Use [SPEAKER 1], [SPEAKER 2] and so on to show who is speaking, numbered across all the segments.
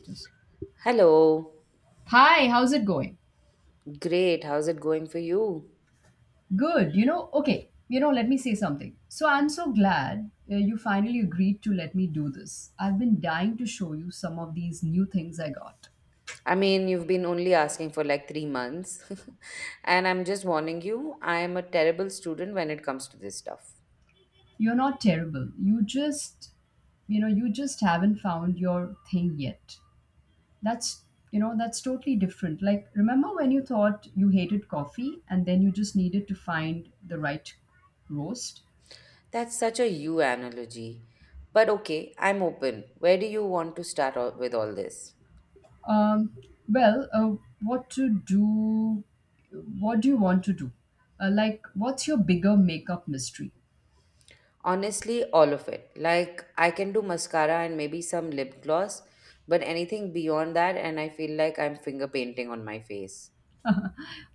[SPEAKER 1] Just-
[SPEAKER 2] Hello.
[SPEAKER 1] Hi, how's it going?
[SPEAKER 2] Great. How's it going for you?
[SPEAKER 1] Good, okay, let me say something. So I'm so glad, you finally agreed to let me do this. I've been dying to show you some of these new things I got.
[SPEAKER 2] I mean, you've been only asking for like 3 months. And I'm just warning you, I am a terrible student when it comes to this stuff.
[SPEAKER 1] You're not terrible. You just haven't found your thing yet. That's, that's totally different. Like, remember when you thought you hated coffee and then you just needed to find the right roast?
[SPEAKER 2] That's such a you analogy. But okay, I'm open. Where do you want to start with all this?
[SPEAKER 1] Um, well, what to do? What do you want to do? Like, what's your bigger makeup mystery?
[SPEAKER 2] Honestly, all of it. Like, I can do mascara and maybe some lip gloss, but anything beyond that, and I feel like I'm finger painting on my face.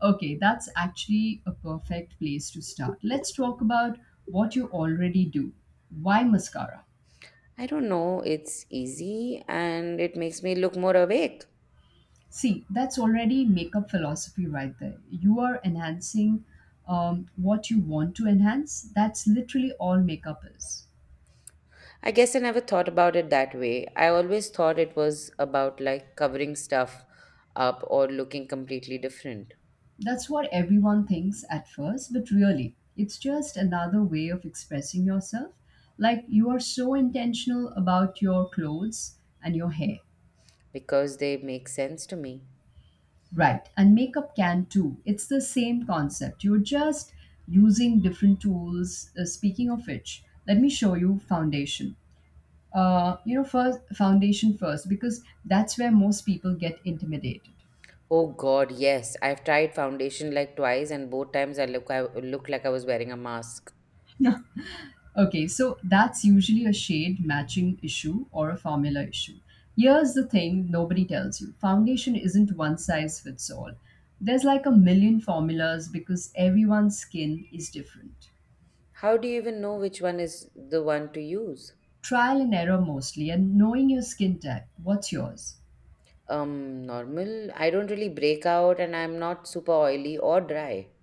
[SPEAKER 1] Okay, that's actually a perfect place to start. Let's talk about what you already do. Why mascara?
[SPEAKER 2] I don't know, it's easy and it makes me look more awake.
[SPEAKER 1] See, that's already makeup philosophy right there. You are enhancing what you want to enhance. That's literally all makeup is.
[SPEAKER 2] I guess I never thought about it that way. I always thought it was about like covering stuff up or looking completely different
[SPEAKER 1] That's what everyone thinks at first, but really, it's just another way of expressing yourself. Like you are so intentional about your clothes and your hair.
[SPEAKER 2] because they make sense to me.
[SPEAKER 1] Right. And makeup can too. It's the same concept. You're just using different tools. Speaking of which, let me show you foundation. First foundation first, because that's where most people get intimidated.
[SPEAKER 2] Oh god, yes. I've tried foundation like twice and both times I look like I was wearing a mask.
[SPEAKER 1] Okay, so that's usually a shade matching issue or a formula issue. Here's the thing: nobody tells you foundation isn't one size fits all. There's like a million formulas because everyone's skin is different.
[SPEAKER 2] How do you even know which one is the one to use?
[SPEAKER 1] Trial and error, mostly, and knowing your skin type. What's yours?
[SPEAKER 2] Normal. I don't really break out and I'm not super oily or dry.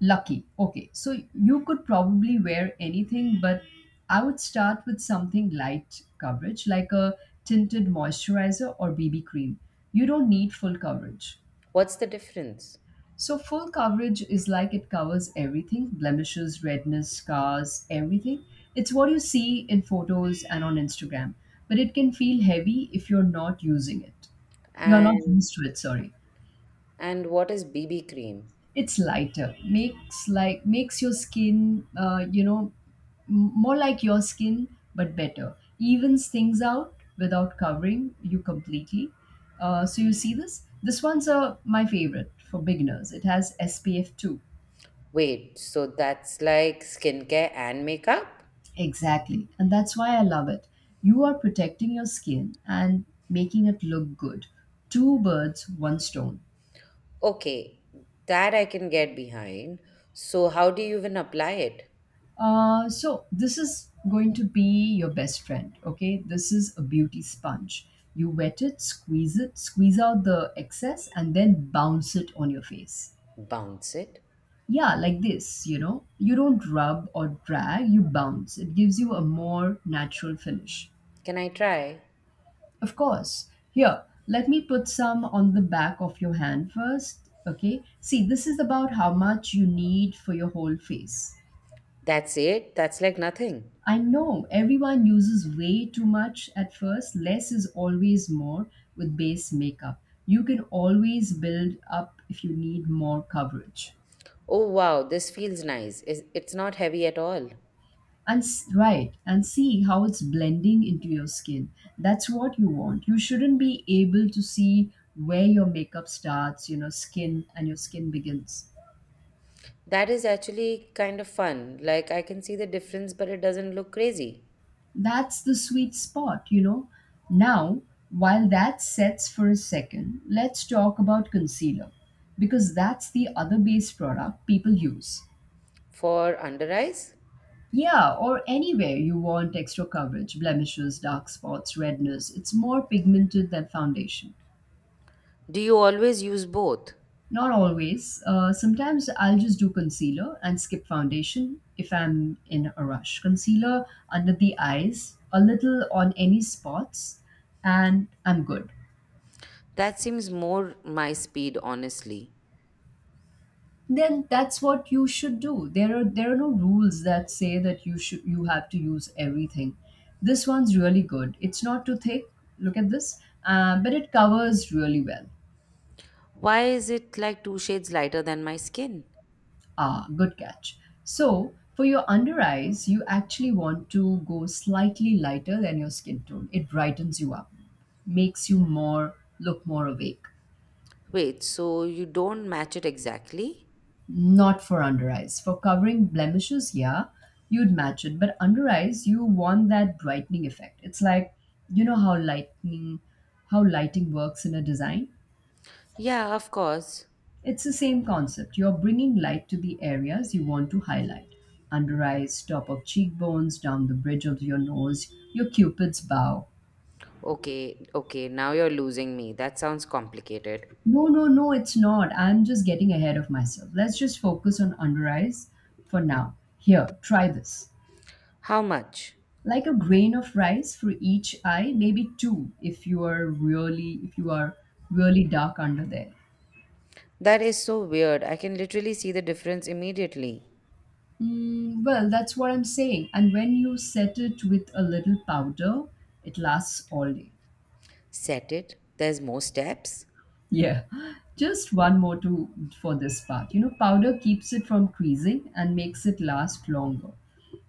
[SPEAKER 1] Lucky. Okay, so you could probably wear anything, but I would start with something light coverage, like a tinted moisturizer or BB cream. You don't need full coverage.
[SPEAKER 2] What's the difference?
[SPEAKER 1] So full coverage is like, it covers everything: blemishes, redness, scars, everything. It's what you see in photos and on Instagram, but it can feel heavy if you're not using it. You're not
[SPEAKER 2] And
[SPEAKER 1] used to it, sorry.
[SPEAKER 2] and what is BB cream?
[SPEAKER 1] It's lighter. Makes your skin more like your skin but better. Evens things out without covering you completely. So you see this? This one's my favorite for beginners. It has SPF 2.
[SPEAKER 2] Wait, so that's like skincare and makeup?
[SPEAKER 1] Exactly. And that's why I love it. You are protecting your skin and making it look good. Two birds, one stone.
[SPEAKER 2] Okay, that I can get behind. So how do you even apply it?
[SPEAKER 1] So, this is going to be your best friend, okay? This is a beauty sponge. You wet it, squeeze out the excess, and then bounce it on your face.
[SPEAKER 2] Bounce it?
[SPEAKER 1] Yeah, like this, you know? You don't rub or drag, you bounce. It gives you a more natural finish.
[SPEAKER 2] Can I try?
[SPEAKER 1] Of course. Here, let me put some on the back of your hand first. Okay. See, this is about how much you need for your whole face.
[SPEAKER 2] That's it? That's like nothing.
[SPEAKER 1] I know, everyone uses way too much at first. Less is always more with base makeup. You can always build up if you need more coverage.
[SPEAKER 2] Oh wow, this feels nice. It's not heavy at all.
[SPEAKER 1] Right, and see how it's blending into your skin. That's what you want. You shouldn't be able to see where your makeup starts, you know, skin and your skin begins.
[SPEAKER 2] That is actually kind of fun. Like I can see the difference, but it doesn't look crazy.
[SPEAKER 1] That's the sweet spot. Now, while that sets for a second, let's talk about concealer, because that's the other base product people use.
[SPEAKER 2] For under eyes?
[SPEAKER 1] Yeah, or anywhere you want extra coverage: blemishes, dark spots, redness. It's more pigmented than foundation.
[SPEAKER 2] Do you always use both?
[SPEAKER 1] Not always. Sometimes I'll just do concealer and skip foundation if I'm in a rush. Concealer under the eyes, a little on any spots, and I'm good.
[SPEAKER 2] That seems more my speed, honestly.
[SPEAKER 1] Then that's what you should do. There are no rules that say that you have to use everything. This one's really good, it's not too thick. Look at this. But it covers really well.
[SPEAKER 2] Why is it like two shades lighter than my skin?
[SPEAKER 1] Ah, good catch. So for your under eyes, you actually want to go slightly lighter than your skin tone. It brightens you up. Makes you more look more awake.
[SPEAKER 2] Wait, so you don't match it exactly?
[SPEAKER 1] Not for under eyes. For covering blemishes, yeah, you'd match it. But under eyes, you want that brightening effect. It's like, you know how lighting works in a design?
[SPEAKER 2] Yeah, of course.
[SPEAKER 1] It's the same concept. You're bringing light to the areas you want to highlight: under eyes, top of cheekbones, down the bridge of your nose, your cupid's bow.
[SPEAKER 2] Okay, okay, now you're losing me. That sounds complicated.
[SPEAKER 1] No, no, no, it's not. I'm just getting ahead of myself. Let's just focus on under eyes for now. Here, try this.
[SPEAKER 2] How much?
[SPEAKER 1] Like a grain of rice for each eye. Maybe two if you are really dark under there.
[SPEAKER 2] That is so weird. I can literally see the difference immediately.
[SPEAKER 1] Well, that's what I'm saying, and when you set it with a little powder, it lasts all day.
[SPEAKER 2] Set it. There's more steps.
[SPEAKER 1] Yeah, just one more to for this part. Powder keeps it from creasing and makes it last longer,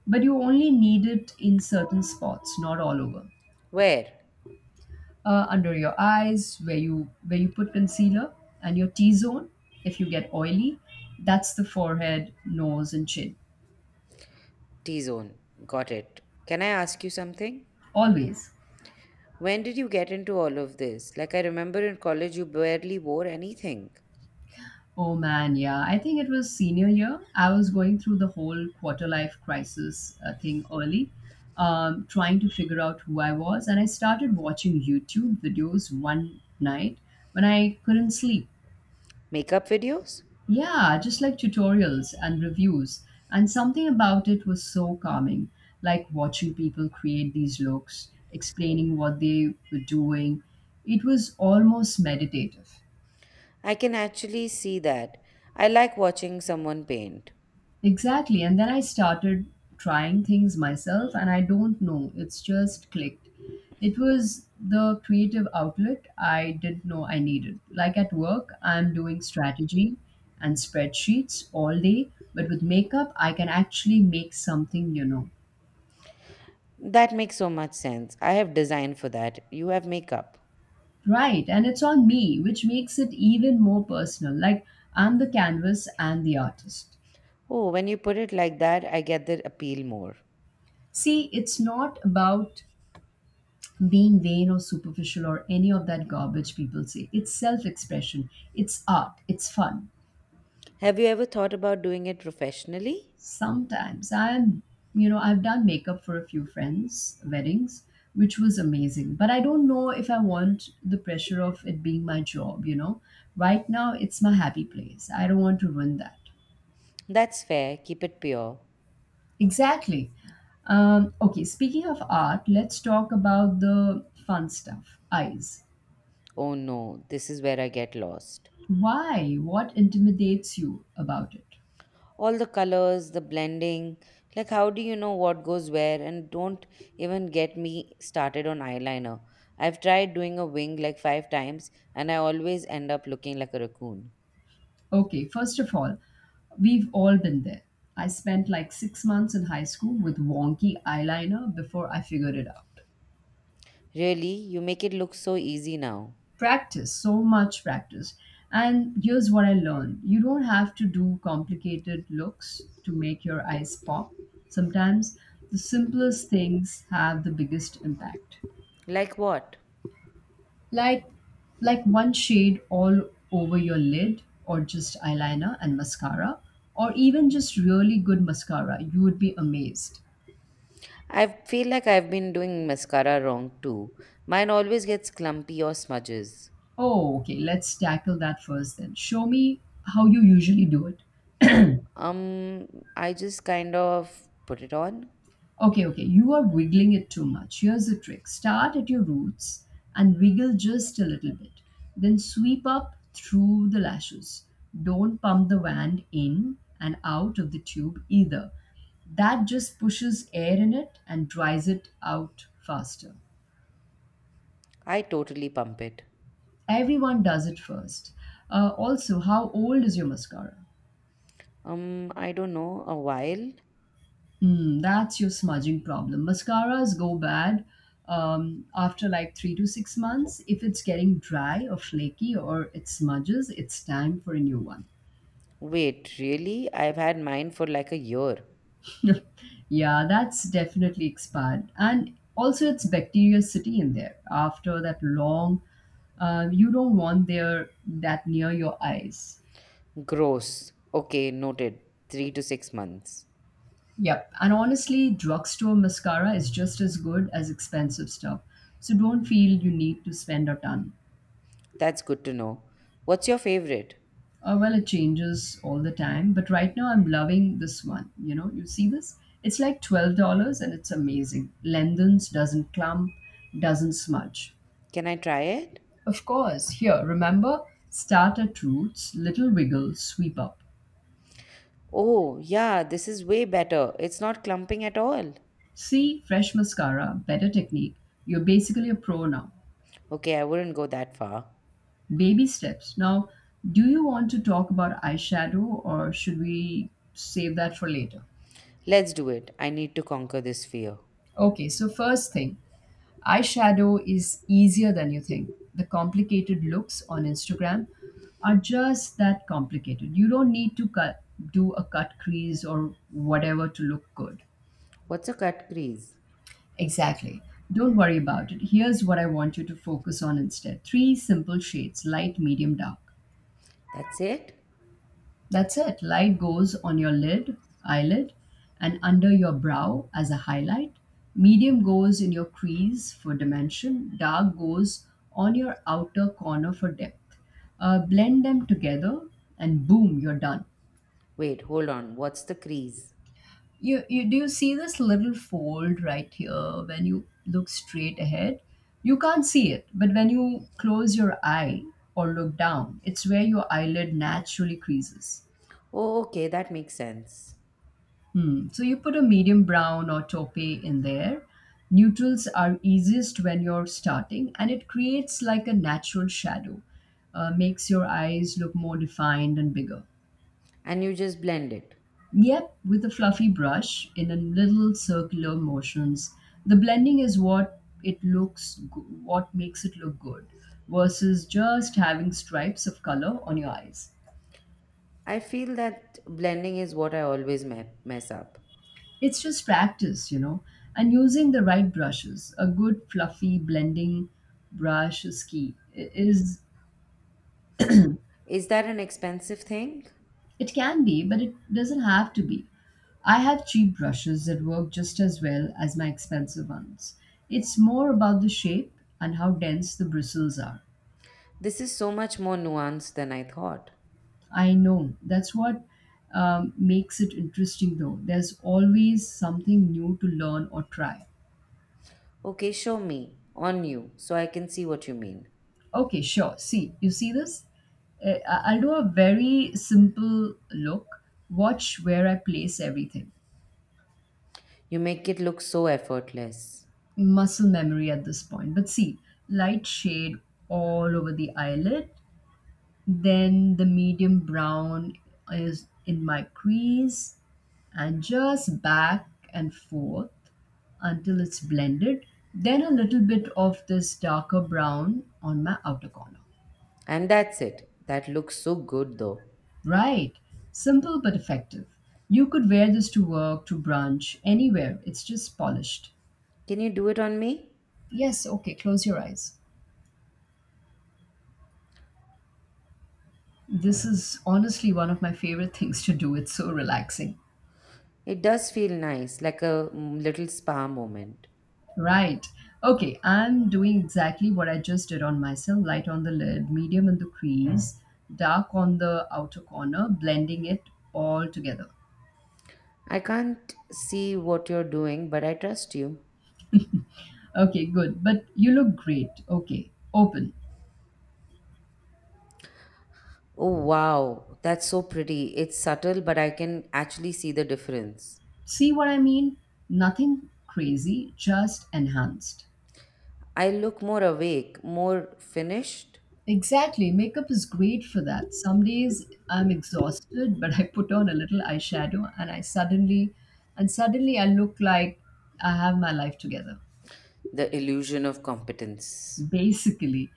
[SPEAKER 1] but you only need it in certain spots, not all over.
[SPEAKER 2] Where?
[SPEAKER 1] Under your eyes, where you put concealer, and your t-zone if you get oily. That's the forehead, nose and chin.
[SPEAKER 2] T zone. Got it. Can I ask you something?
[SPEAKER 1] Always.
[SPEAKER 2] When did you get into all of this? Like, I remember in college you barely wore anything.
[SPEAKER 1] Oh man, yeah, I think it was senior year. I was going through the whole quarter life crisis thing early. Trying to figure out who I was, and I started watching YouTube videos one night when I couldn't sleep.
[SPEAKER 2] Makeup videos?
[SPEAKER 1] Yeah, just like tutorials and reviews. And something about it was so calming, like watching people create these looks, explaining what they were doing. It was almost meditative.
[SPEAKER 2] I can actually see that. I like watching someone paint.
[SPEAKER 1] Exactly. And then I started trying things myself, and I don't know, it's just clicked. It was the creative outlet I didn't know I needed. Like, at work I'm doing strategy and spreadsheets all day, but with makeup I can actually make something.
[SPEAKER 2] That makes so much sense. I have design for that. You have makeup.
[SPEAKER 1] Right. And it's on me, which makes it even more personal. Like, I'm the canvas and the artist.
[SPEAKER 2] Oh, when you put it like that, I get the appeal more.
[SPEAKER 1] See, it's not about being vain or superficial or any of that garbage people say. It's self expression, it's art, it's fun.
[SPEAKER 2] Have you ever thought about doing it professionally?
[SPEAKER 1] Sometimes I've done makeup for a few friends' weddings, which was amazing. But I don't know if I want the pressure of it being my job. Right now, it's my happy place. I don't want to ruin that.
[SPEAKER 2] That's fair. Keep it pure.
[SPEAKER 1] Exactly. Okay, speaking of art, let's talk about the fun stuff: eyes.
[SPEAKER 2] Oh no, this is where I get lost.
[SPEAKER 1] Why? What intimidates you about it?
[SPEAKER 2] All the colors, the blending. Like, how do you know what goes where? And don't even get me started on eyeliner. I've tried doing a wing like 5 times and I always end up looking like a raccoon.
[SPEAKER 1] Okay, first of all, we've all been there. I spent like 6 months in high school with wonky eyeliner before I figured it out.
[SPEAKER 2] Really? You make it look so easy now.
[SPEAKER 1] Practice, so much practice. And here's what I learned: you don't have to do complicated looks to make your eyes pop. Sometimes the simplest things have the biggest impact.
[SPEAKER 2] Like what?
[SPEAKER 1] Like like one shade all over your lid, or just eyeliner and mascara, or even just really good mascara. You would be amazed.
[SPEAKER 2] I feel like I've been doing mascara wrong too. Mine always gets clumpy or smudges.
[SPEAKER 1] Oh, okay. Let's tackle that first, then. Show me how you usually do it.
[SPEAKER 2] Um, I just kind of put it on.
[SPEAKER 1] Okay, okay. You are wiggling it too much. Here's the trick: start at your roots and wiggle just a little bit. Then sweep up through the lashes. Don't pump the wand in and out of the tube either. That just pushes air in it and dries it out faster.
[SPEAKER 2] I totally pump it.
[SPEAKER 1] Everyone does it first. Also, how old is your mascara?
[SPEAKER 2] I don't know, a while.
[SPEAKER 1] Hmm, that's your smudging problem. Mascaras go bad after like 3 to 6 months. If it's getting dry or flaky or it smudges, it's time for a new one.
[SPEAKER 2] Wait, really? I've had mine for like a year.
[SPEAKER 1] Yeah, that's definitely expired. And also, it's bacteria sitting in there after that long. You don't want there that near your eyes.
[SPEAKER 2] Gross. Okay, noted. 3 to 6 months.
[SPEAKER 1] Yep. And honestly, drugstore mascara is just as good as expensive stuff, so don't feel you need to spend a ton.
[SPEAKER 2] That's good to know. What's your favorite?
[SPEAKER 1] Well, it changes all the time, but right now I'm loving this one. You know, you see this? It's like $12 and it's amazing. Lengthens, doesn't clump, doesn't smudge.
[SPEAKER 2] Can I try it?
[SPEAKER 1] Of course, here, remember: start at roots, little wiggle, sweep up.
[SPEAKER 2] Oh, yeah, this is way better. It's not clumping at all.
[SPEAKER 1] See, fresh mascara, better technique. You're basically a pro now.
[SPEAKER 2] Okay, I wouldn't go that far.
[SPEAKER 1] Baby steps. Now, do you want to talk about eyeshadow, or should we save that for later?
[SPEAKER 2] Let's do it. I need to conquer this fear.
[SPEAKER 1] Okay, so first thing, eyeshadow is easier than you think. The complicated looks on Instagram are just that, complicated. You don't need to do a cut crease or whatever to look good.
[SPEAKER 2] What's a cut crease?
[SPEAKER 1] Exactly. Don't worry about it. Here's what I want you to focus on instead: three simple shades, light, medium, dark.
[SPEAKER 2] That's it?
[SPEAKER 1] That's it. Light goes on your eyelid, and under your brow as a highlight. Medium goes in your crease for dimension. Dark goes on your outer corner for depth. Blend them together, and boom, you're done.
[SPEAKER 2] Wait, hold on. What's the crease?
[SPEAKER 1] You do you see this little fold right here when you look straight ahead? You can't see it, but when you close your eye or look down, it's where your eyelid naturally creases.
[SPEAKER 2] Oh, okay, that makes sense.
[SPEAKER 1] Hmm. So you put a medium brown or toffee in there. Neutrals are easiest when you're starting, and it creates like a natural shadow, makes your eyes look more defined and bigger.
[SPEAKER 2] And you just blend it.
[SPEAKER 1] Yep, with a fluffy brush in a little circular motions, the blending is what makes it look good, versus just having stripes of color on your eyes.
[SPEAKER 2] I feel that blending is what I always mess up.
[SPEAKER 1] It's just practice, and using the right brushes. A good fluffy blending brush is key. It is
[SPEAKER 2] Is that an expensive thing?
[SPEAKER 1] it can be, but it doesn't have to be. I have cheap brushes that work just as well as my expensive ones. It's more about the shape and how dense the bristles are.
[SPEAKER 2] This is so much more nuanced than I thought.
[SPEAKER 1] I know that's what makes it interesting, though. There's always something new to learn or try.
[SPEAKER 2] Okay, show me, on you, so I can see what you mean.
[SPEAKER 1] Okay, sure. See, you see this? I'll do a very simple look. Watch where I place everything.
[SPEAKER 2] You make it look so effortless.
[SPEAKER 1] Muscle memory at this point. But see, light shade all over the eyelid. Then the medium brown is in my crease and just back and forth until it's blended. Then a little bit of this darker brown on my outer corner.
[SPEAKER 2] And that's it. That looks so good though.
[SPEAKER 1] Right. Simple but effective. You could wear this to work, to brunch, anywhere. It's just polished.
[SPEAKER 2] Can you do it on me?
[SPEAKER 1] Yes, okay, close your eyes. This is honestly one of my favorite things to do. It's so relaxing.
[SPEAKER 2] It does feel nice, like a little spa moment.
[SPEAKER 1] Right. Okay, I'm doing exactly what I just did on myself: light on the lid, medium in the crease, dark on the outer corner, blending it all together.
[SPEAKER 2] I can't see what you're doing, but I trust you.
[SPEAKER 1] Okay, good. But you look great. Okay, open.
[SPEAKER 2] Oh, wow, that's so pretty. It's subtle, but I can actually see the difference.
[SPEAKER 1] See what I mean? Nothing crazy, just enhanced.
[SPEAKER 2] I look more awake, more finished.
[SPEAKER 1] Exactly. Makeup is great for that. Some days I'm exhausted, but I put on a little eyeshadow and I suddenly and suddenly I look like I have my life together,
[SPEAKER 2] The illusion of competence.
[SPEAKER 1] basically.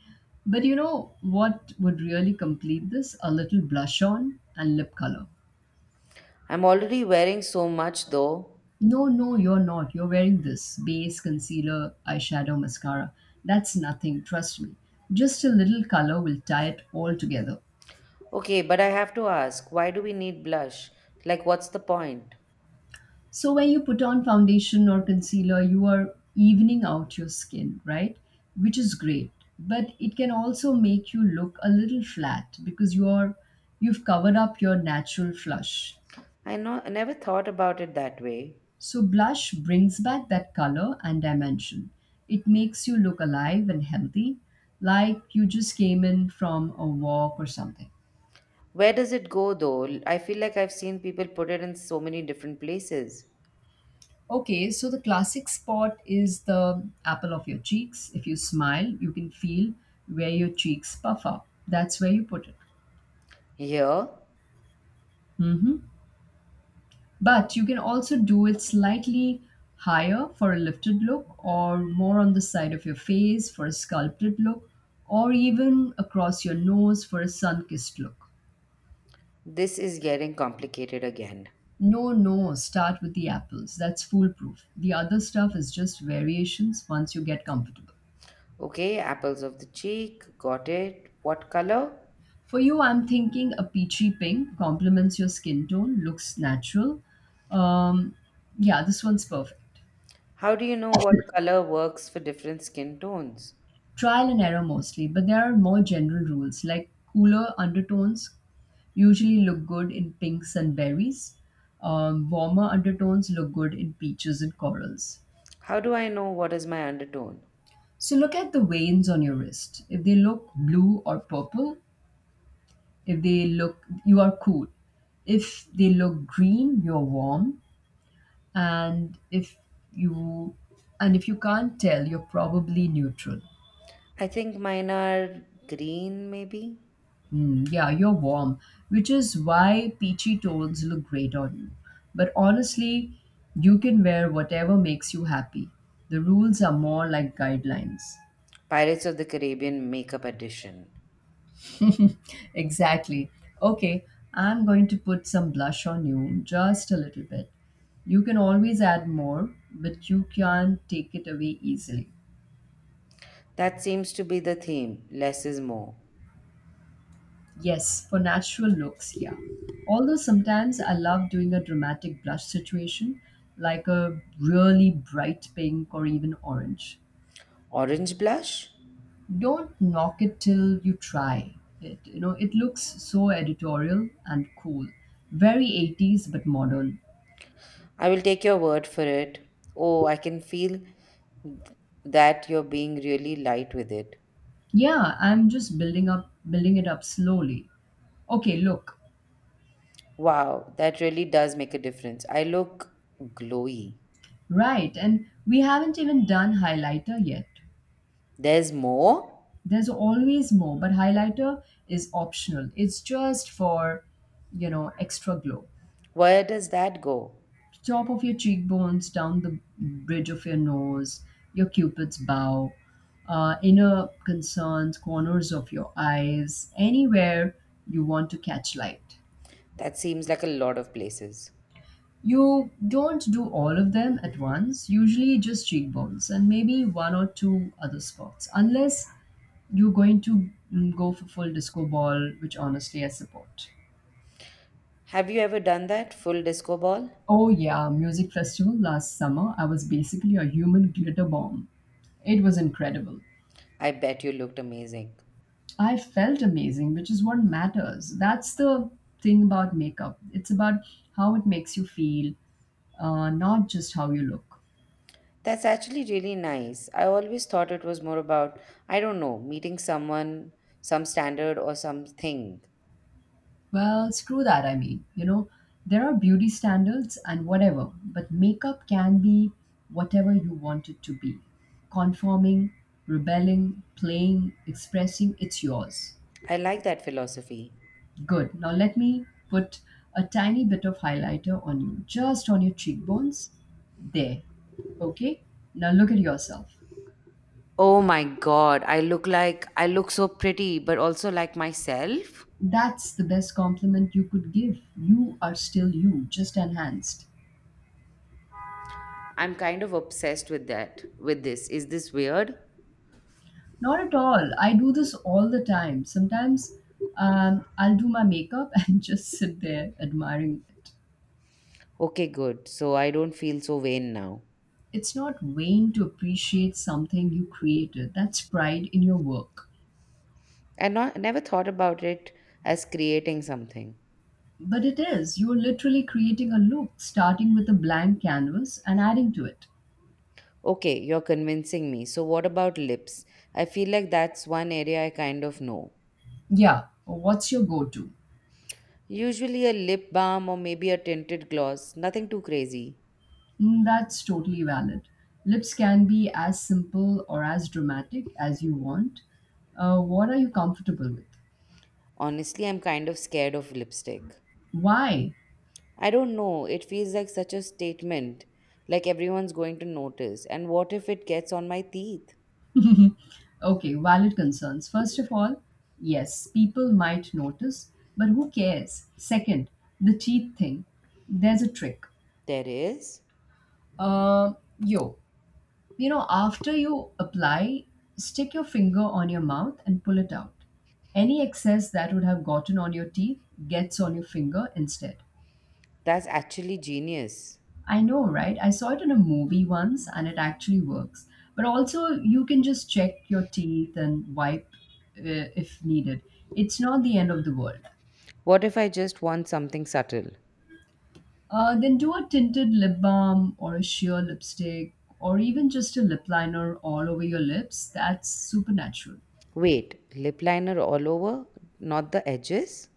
[SPEAKER 1] But you know what would really complete this? A little blush on and lip color.
[SPEAKER 2] I'm already wearing so much though.
[SPEAKER 1] No, no, you're not. You're wearing this base, concealer, eyeshadow, mascara. That's nothing, trust me. Just a little color will tie it all together.
[SPEAKER 2] Okay, but I have to ask, why do we need blush? Like, what's the point?
[SPEAKER 1] So when you put on foundation or concealer, you are evening out your skin, right? Which is great, but it can also make you look a little flat because you've covered up your natural flush.
[SPEAKER 2] I know I never thought about it that way.
[SPEAKER 1] So blush brings back that color and dimension. It makes you look alive and healthy, like you just came in from a walk or something.
[SPEAKER 2] Where does it go though? I feel like I've seen people put it in so many different places.
[SPEAKER 1] Okay, so the classic spot is the apple of your cheeks. If you smile, you can feel where your cheeks puff up. That's where you put it.
[SPEAKER 2] Here,
[SPEAKER 1] Hmm. But you can also do it slightly higher for a lifted look, or more on the side of your face for a sculpted look, or even across your nose for a sun kissed look.
[SPEAKER 2] this is getting complicated again.
[SPEAKER 1] No, no, start with the apples. That's foolproof. The other stuff is just variations once you get comfortable.
[SPEAKER 2] Okay, apples of the cheek, got it. What color?
[SPEAKER 1] For you, I'm thinking a peachy pink complements your skin tone, looks natural. Um, yeah, this one's perfect.
[SPEAKER 2] How do you know what color works for different skin tones?
[SPEAKER 1] Trial and error mostly, but there are more general rules, like cooler undertones usually look good in pinks and berries. Warmer undertones look good in peaches and corals.
[SPEAKER 2] How do I know what is my undertone?
[SPEAKER 1] So look at the veins on your wrist. If they look blue or purple, if they look, you are cool. If they look green, you're warm. and if you and if you can't tell, you're probably neutral.
[SPEAKER 2] I think mine are green, maybe?
[SPEAKER 1] Yeah, you're warm, which is why peachy tones look great on you, but honestly, you can wear whatever makes you happy. The rules are more like guidelines.
[SPEAKER 2] Pirates of the Caribbean Makeup Edition.
[SPEAKER 1] Exactly. Okay, I'm going to put some blush on you, just a little bit. You can always add more, but you can't take it away easily.
[SPEAKER 2] That seems to be the theme. Less is more.
[SPEAKER 1] Yes, for natural looks, yeah. Although sometimes I love doing a dramatic blush situation, like a really bright pink or even orange.
[SPEAKER 2] Orange blush?
[SPEAKER 1] Don't knock it till you try it. You know, it looks so editorial and cool. Very 80s but modern.
[SPEAKER 2] I will take your word for it. Oh, I can feel that you're being really light with it.
[SPEAKER 1] Yeah, I'm just building it up slowly. Okay, look.
[SPEAKER 2] Wow, that really does make a difference. I look glowy.
[SPEAKER 1] Right, and we haven't even done highlighter yet.
[SPEAKER 2] There's more?
[SPEAKER 1] There's always more, but highlighter is optional. It's just for, you know, extra glow.
[SPEAKER 2] Where does that go?
[SPEAKER 1] Top of your cheekbones, down the bridge of your nose, your cupid's bow, inner concerns, corners of your eyes, anywhere you want to catch light.
[SPEAKER 2] That seems like a lot of places.
[SPEAKER 1] You don't do all of them at once, usually just cheekbones and maybe one or two other spots, unless you're going to go for full disco ball, which honestly I support.
[SPEAKER 2] Have you ever done that full disco ball?
[SPEAKER 1] Oh yeah, music festival last summer. I was basically a human glitter bomb. It was incredible.
[SPEAKER 2] I bet you looked amazing.
[SPEAKER 1] I felt amazing, which is what matters. That's the thing about makeup. It's about how it makes you feel, not just how you look.
[SPEAKER 2] That's actually really nice. I always thought it was more about, I don't know, meeting someone, some standard or something.
[SPEAKER 1] Well, screw that, I mean. You know, there are beauty standards and whatever, but makeup can be whatever you want it to be. Conforming, rebelling, playing, expressing, it's yours.
[SPEAKER 2] I like that philosophy.
[SPEAKER 1] Good. Now let me put a tiny bit of highlighter on you, just on your cheekbones. There. Okay? Now look at yourself.
[SPEAKER 2] Oh my god, I look so pretty but also like myself.
[SPEAKER 1] That's the best compliment you could give. You are still you, just enhanced.
[SPEAKER 2] I'm kind of obsessed with that. With this. Is this weird?
[SPEAKER 1] Not at all. I do this all the time. Sometimes I'll do my makeup and just sit there admiring it.
[SPEAKER 2] Okay, good. So I don't feel so vain now.
[SPEAKER 1] It's not vain to appreciate something you created, that's pride in your work.
[SPEAKER 2] I not never thought about it as creating something.
[SPEAKER 1] But it is. You're literally creating a loop, starting with a blank canvas and adding to it.
[SPEAKER 2] Okay, you're convincing me. So what about lips? I feel like that's one area I kind of know.
[SPEAKER 1] Yeah, what's your go to?
[SPEAKER 2] Usually a lip balm or maybe a tinted gloss, nothing too crazy.
[SPEAKER 1] Mm, that's totally valid. Lips can be as simple or as dramatic as you want. What are you comfortable with?
[SPEAKER 2] Honestly, I'm kind of scared of lipstick.
[SPEAKER 1] Why?
[SPEAKER 2] I don't know, it feels like such a statement, like everyone's going to notice. And what if it gets on my teeth?
[SPEAKER 1] Okay, valid concerns. First of all, yes, people might notice, but who cares? Second, the teeth thing. There's a trick.
[SPEAKER 2] There is?
[SPEAKER 1] Uh, yo, After you apply, stick your finger on your mouth and pull it out. Any excess that would have gotten on your teeth gets on your finger instead.
[SPEAKER 2] That's actually genius.
[SPEAKER 1] I know, right? I saw it in a movie once and it actually works. But also, you can just check your teeth and wipe if needed. It's not the end of the world.
[SPEAKER 2] What if I just want something subtle?
[SPEAKER 1] Then do a tinted lip balm or a sheer lipstick or even just a lip liner all over your lips. That's supernatural.
[SPEAKER 2] Wait, lip liner all over, not the edges?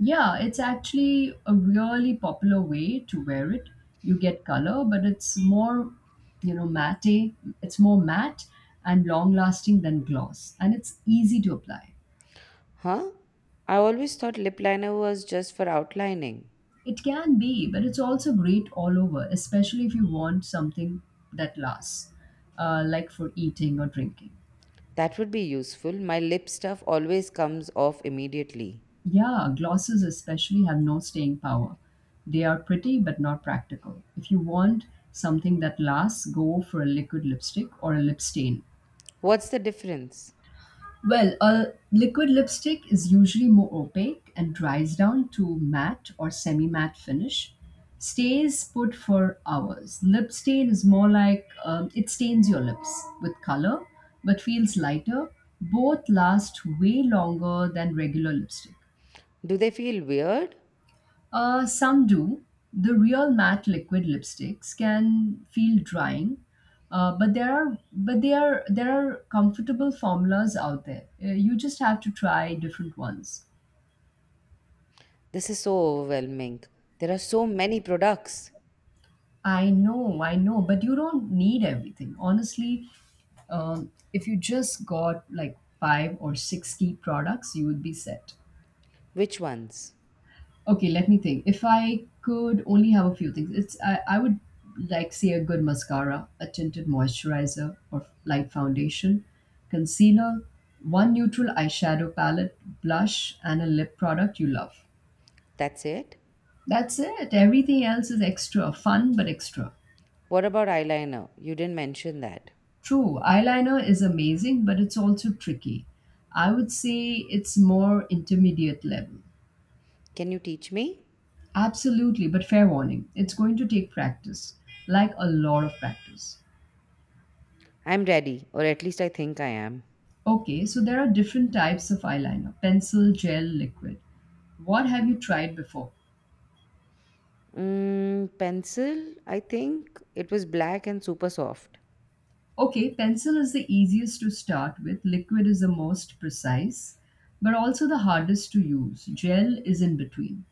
[SPEAKER 1] Yeah, it's actually a really popular way to wear it. You get color, but it's more, matte. It's more matte and long lasting than gloss, and it's easy to apply.
[SPEAKER 2] Huh? I always thought lip liner was just for outlining.
[SPEAKER 1] It can be, but it's also great all over, especially if you want something that lasts, like for eating or drinking.
[SPEAKER 2] That would be useful. My lip stuff always comes off immediately.
[SPEAKER 1] Yeah, glosses especially have no staying power. They are pretty but not practical. If you want something that lasts, go for a liquid lipstick or a lip stain.
[SPEAKER 2] What's the difference?
[SPEAKER 1] Well, a liquid lipstick is usually more opaque and dries down to matte or semi matte finish. Stays put for hours. Lip stain is more like it stains your lips with color but feels lighter. Both last way longer than regular lipstick.
[SPEAKER 2] Do they feel weird?
[SPEAKER 1] Some do. The real matte liquid lipsticks can feel drying, but there are but they are there are comfortable formulas out there. You just have to try different ones.
[SPEAKER 2] This is so overwhelming. There are so many products.
[SPEAKER 1] I know, but you don't need everything. Honestly, if you just got like five or six key products, you would be set.
[SPEAKER 2] Which ones?
[SPEAKER 1] Okay, let me think. If I could only have a few things, I would like say a good mascara, a tinted moisturizer or light foundation, concealer, one neutral eyeshadow palette, blush, and a lip product you love.
[SPEAKER 2] That's it?
[SPEAKER 1] That's it. Everything else is extra, fun but extra.
[SPEAKER 2] What about eyeliner? You didn't mention that.
[SPEAKER 1] True, eyeliner is amazing, but it's also tricky. I would say it's more intermediate level.
[SPEAKER 2] Can you teach me?
[SPEAKER 1] Absolutely, but fair warning, it's going to take practice, like a lot of practice.
[SPEAKER 2] I'm ready, or at least I think I am.
[SPEAKER 1] Okay, so there are different types of eyeliner: pencil, gel, liquid. What have you tried before?
[SPEAKER 2] Pencil, I think. It was black and super soft.
[SPEAKER 1] Okay, pencil is the easiest to start with, liquid is the most precise, but also the hardest to use. Gel is in between.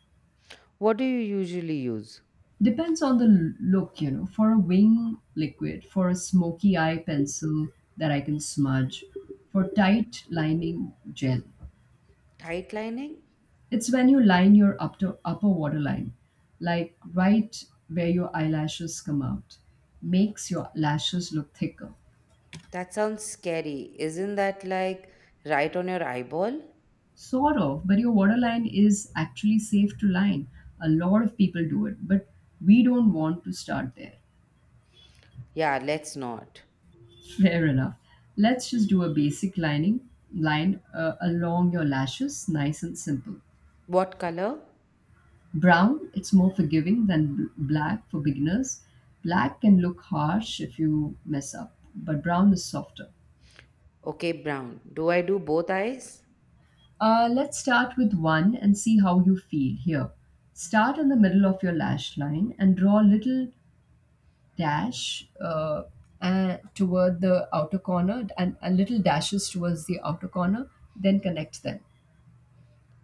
[SPEAKER 2] What do you usually use?
[SPEAKER 1] Depends on the look. For a wing, liquid; for a smoky eye, pencil that I can smudge; for tight lining, gel.
[SPEAKER 2] Tight lining?
[SPEAKER 1] It's when you line your upper waterline, like right where your eyelashes come out, makes your lashes look thicker.
[SPEAKER 2] That sounds scary. Isn't that like right on your eyeball?
[SPEAKER 1] Sort of, but your waterline is actually safe to line. A lot of people do it, but we don't want to start there.
[SPEAKER 2] Yeah, let's not.
[SPEAKER 1] Fair enough. Let's just do a basic lining line along your lashes, nice and simple.
[SPEAKER 2] What color?
[SPEAKER 1] Brown, it's more forgiving than black for beginners. Black can look harsh if you mess up, but brown is softer.
[SPEAKER 2] Okay, brown. Do I do both eyes?
[SPEAKER 1] Let's start with one and see how you feel here. Start in the middle of your lash line and draw a little dash toward the outer corner and little dashes towards the outer corner, then connect them.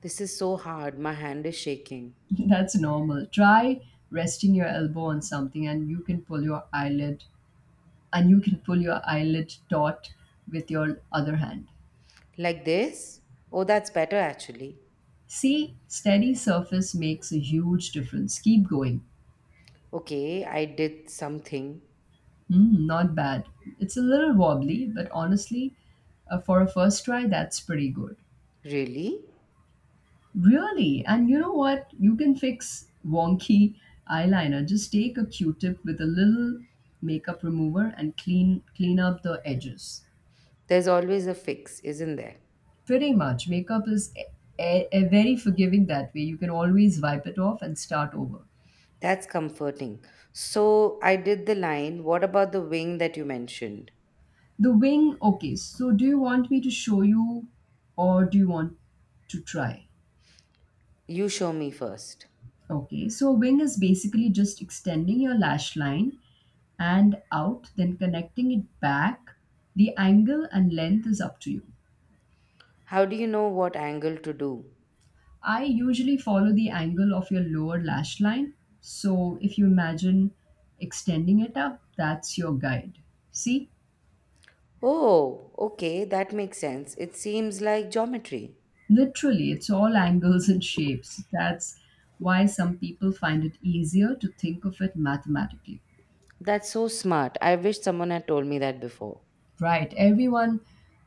[SPEAKER 2] This is so hard. My hand is shaking.
[SPEAKER 1] That's normal. Try resting your elbow on something and you can pull your eyelid taut with your other hand.
[SPEAKER 2] Like this? Oh, that's better actually.
[SPEAKER 1] See, steady surface makes a huge difference. Keep going.
[SPEAKER 2] Okay, I did something.
[SPEAKER 1] Mm, not bad. It's a little wobbly, but honestly, for a first try, that's pretty good.
[SPEAKER 2] Really?
[SPEAKER 1] Really? And you know what? You can fix wonky eyeliner. Just take a Q-tip with a little makeup remover and clean up the edges.
[SPEAKER 2] There's always a fix, isn't there?
[SPEAKER 1] Pretty much, makeup is a very forgiving that way. You can always wipe it off and start over.
[SPEAKER 2] That's comforting. So I did the line. What about the wing that you mentioned?
[SPEAKER 1] The wing, okay. So, do you want me to show you or do you want to try?
[SPEAKER 2] You show me first.
[SPEAKER 1] Okay, so wing is basically just extending your lash line and out, then connecting it back. The angle and length is up to you.
[SPEAKER 2] How do you know what angle to do?
[SPEAKER 1] I usually follow the angle of your lower lash line. So, if you imagine extending it up, that's your guide. See?
[SPEAKER 2] Oh, okay, that makes sense. It seems like geometry.
[SPEAKER 1] Literally, it's all angles and shapes. That's why some people find it easier to think of it mathematically.
[SPEAKER 2] That's so smart. I wish someone had told me that before.
[SPEAKER 1] Right. Everyone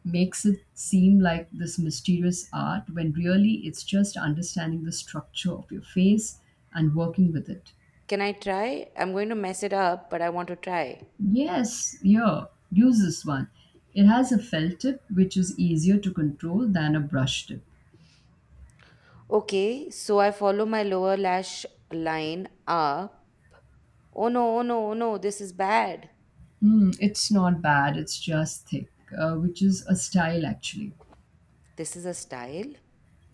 [SPEAKER 1] makes it seem like this mysterious art when really it's just understanding the structure of your face and working with it.
[SPEAKER 2] Can I try? I'm going to mess it up, but I want to try.
[SPEAKER 1] Yes, yeah, use this one. It has a felt tip which is easier to control than a brush tip.
[SPEAKER 2] Okay, so I follow my lower lash line up. Oh no, oh no, oh no, this is bad.
[SPEAKER 1] Hmm, it's not bad, it's just thick, which is a style actually.
[SPEAKER 2] This is a style?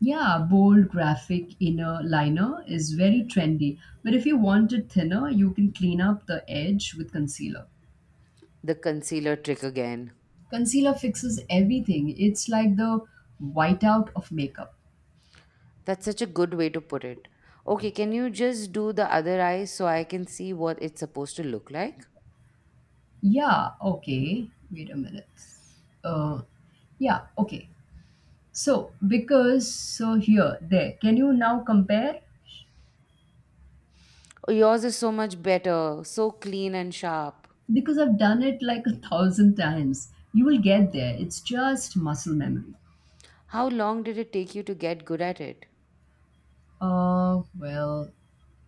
[SPEAKER 1] Yeah, bold graphic inner liner is very trendy, but if you want it thinner, you can clean up the edge with concealer.
[SPEAKER 2] The concealer trick again.
[SPEAKER 1] Concealer fixes everything. It's like the whiteout of makeup.
[SPEAKER 2] That's such a good way to put it. Okay, can you just do the other eye so I can see what it's supposed to look like?
[SPEAKER 1] Yeah, okay. Wait a minute. Uh, yeah, okay. So, here, there, can you now compare?
[SPEAKER 2] Oh, yours is so much better, so clean and sharp.
[SPEAKER 1] Because I've done it like a thousand times. You will get there. It's just muscle memory.
[SPEAKER 2] How long did it take you to get good at it?
[SPEAKER 1] Uh, well,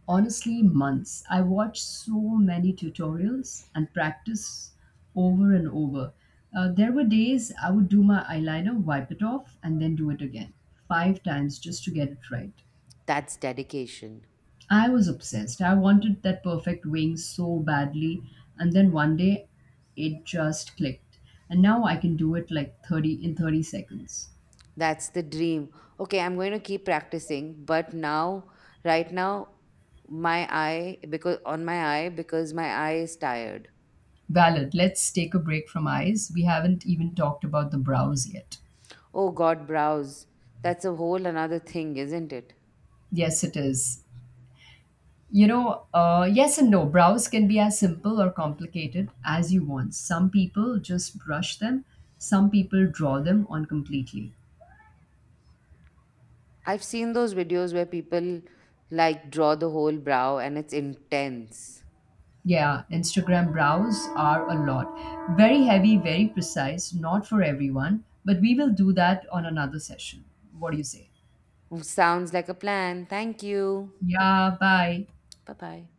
[SPEAKER 1] Honestly, months. I watched so many tutorials and practice over and over. There were days I would do my eyeliner, wipe it off, and then do it again five times just to get it right.
[SPEAKER 2] That's dedication.
[SPEAKER 1] I was obsessed. I wanted that perfect wing so badly, and then one day it just clicked. And now I can do it like 30 seconds.
[SPEAKER 2] That's the dream. Okay, I'm going to keep practicing, but now, right now, my eye, because on my eye, because my eye is tired.
[SPEAKER 1] Valid. Let's take a break from eyes. We haven't even talked about the brows yet.
[SPEAKER 2] Oh God, brows. That's a whole another thing, isn't it?
[SPEAKER 1] Yes, it is. Yes and no. Brows can be as simple or complicated as you want. Some people just brush them, some people draw them on completely.
[SPEAKER 2] I've seen those videos where people like draw the whole brow and it's intense.
[SPEAKER 1] Yeah, Instagram brows are a lot. Very heavy, very precise, not for everyone, but we will do that on another session. What do you say?
[SPEAKER 2] Sounds like a plan. Thank you.
[SPEAKER 1] Yeah, bye.
[SPEAKER 2] Bye bye.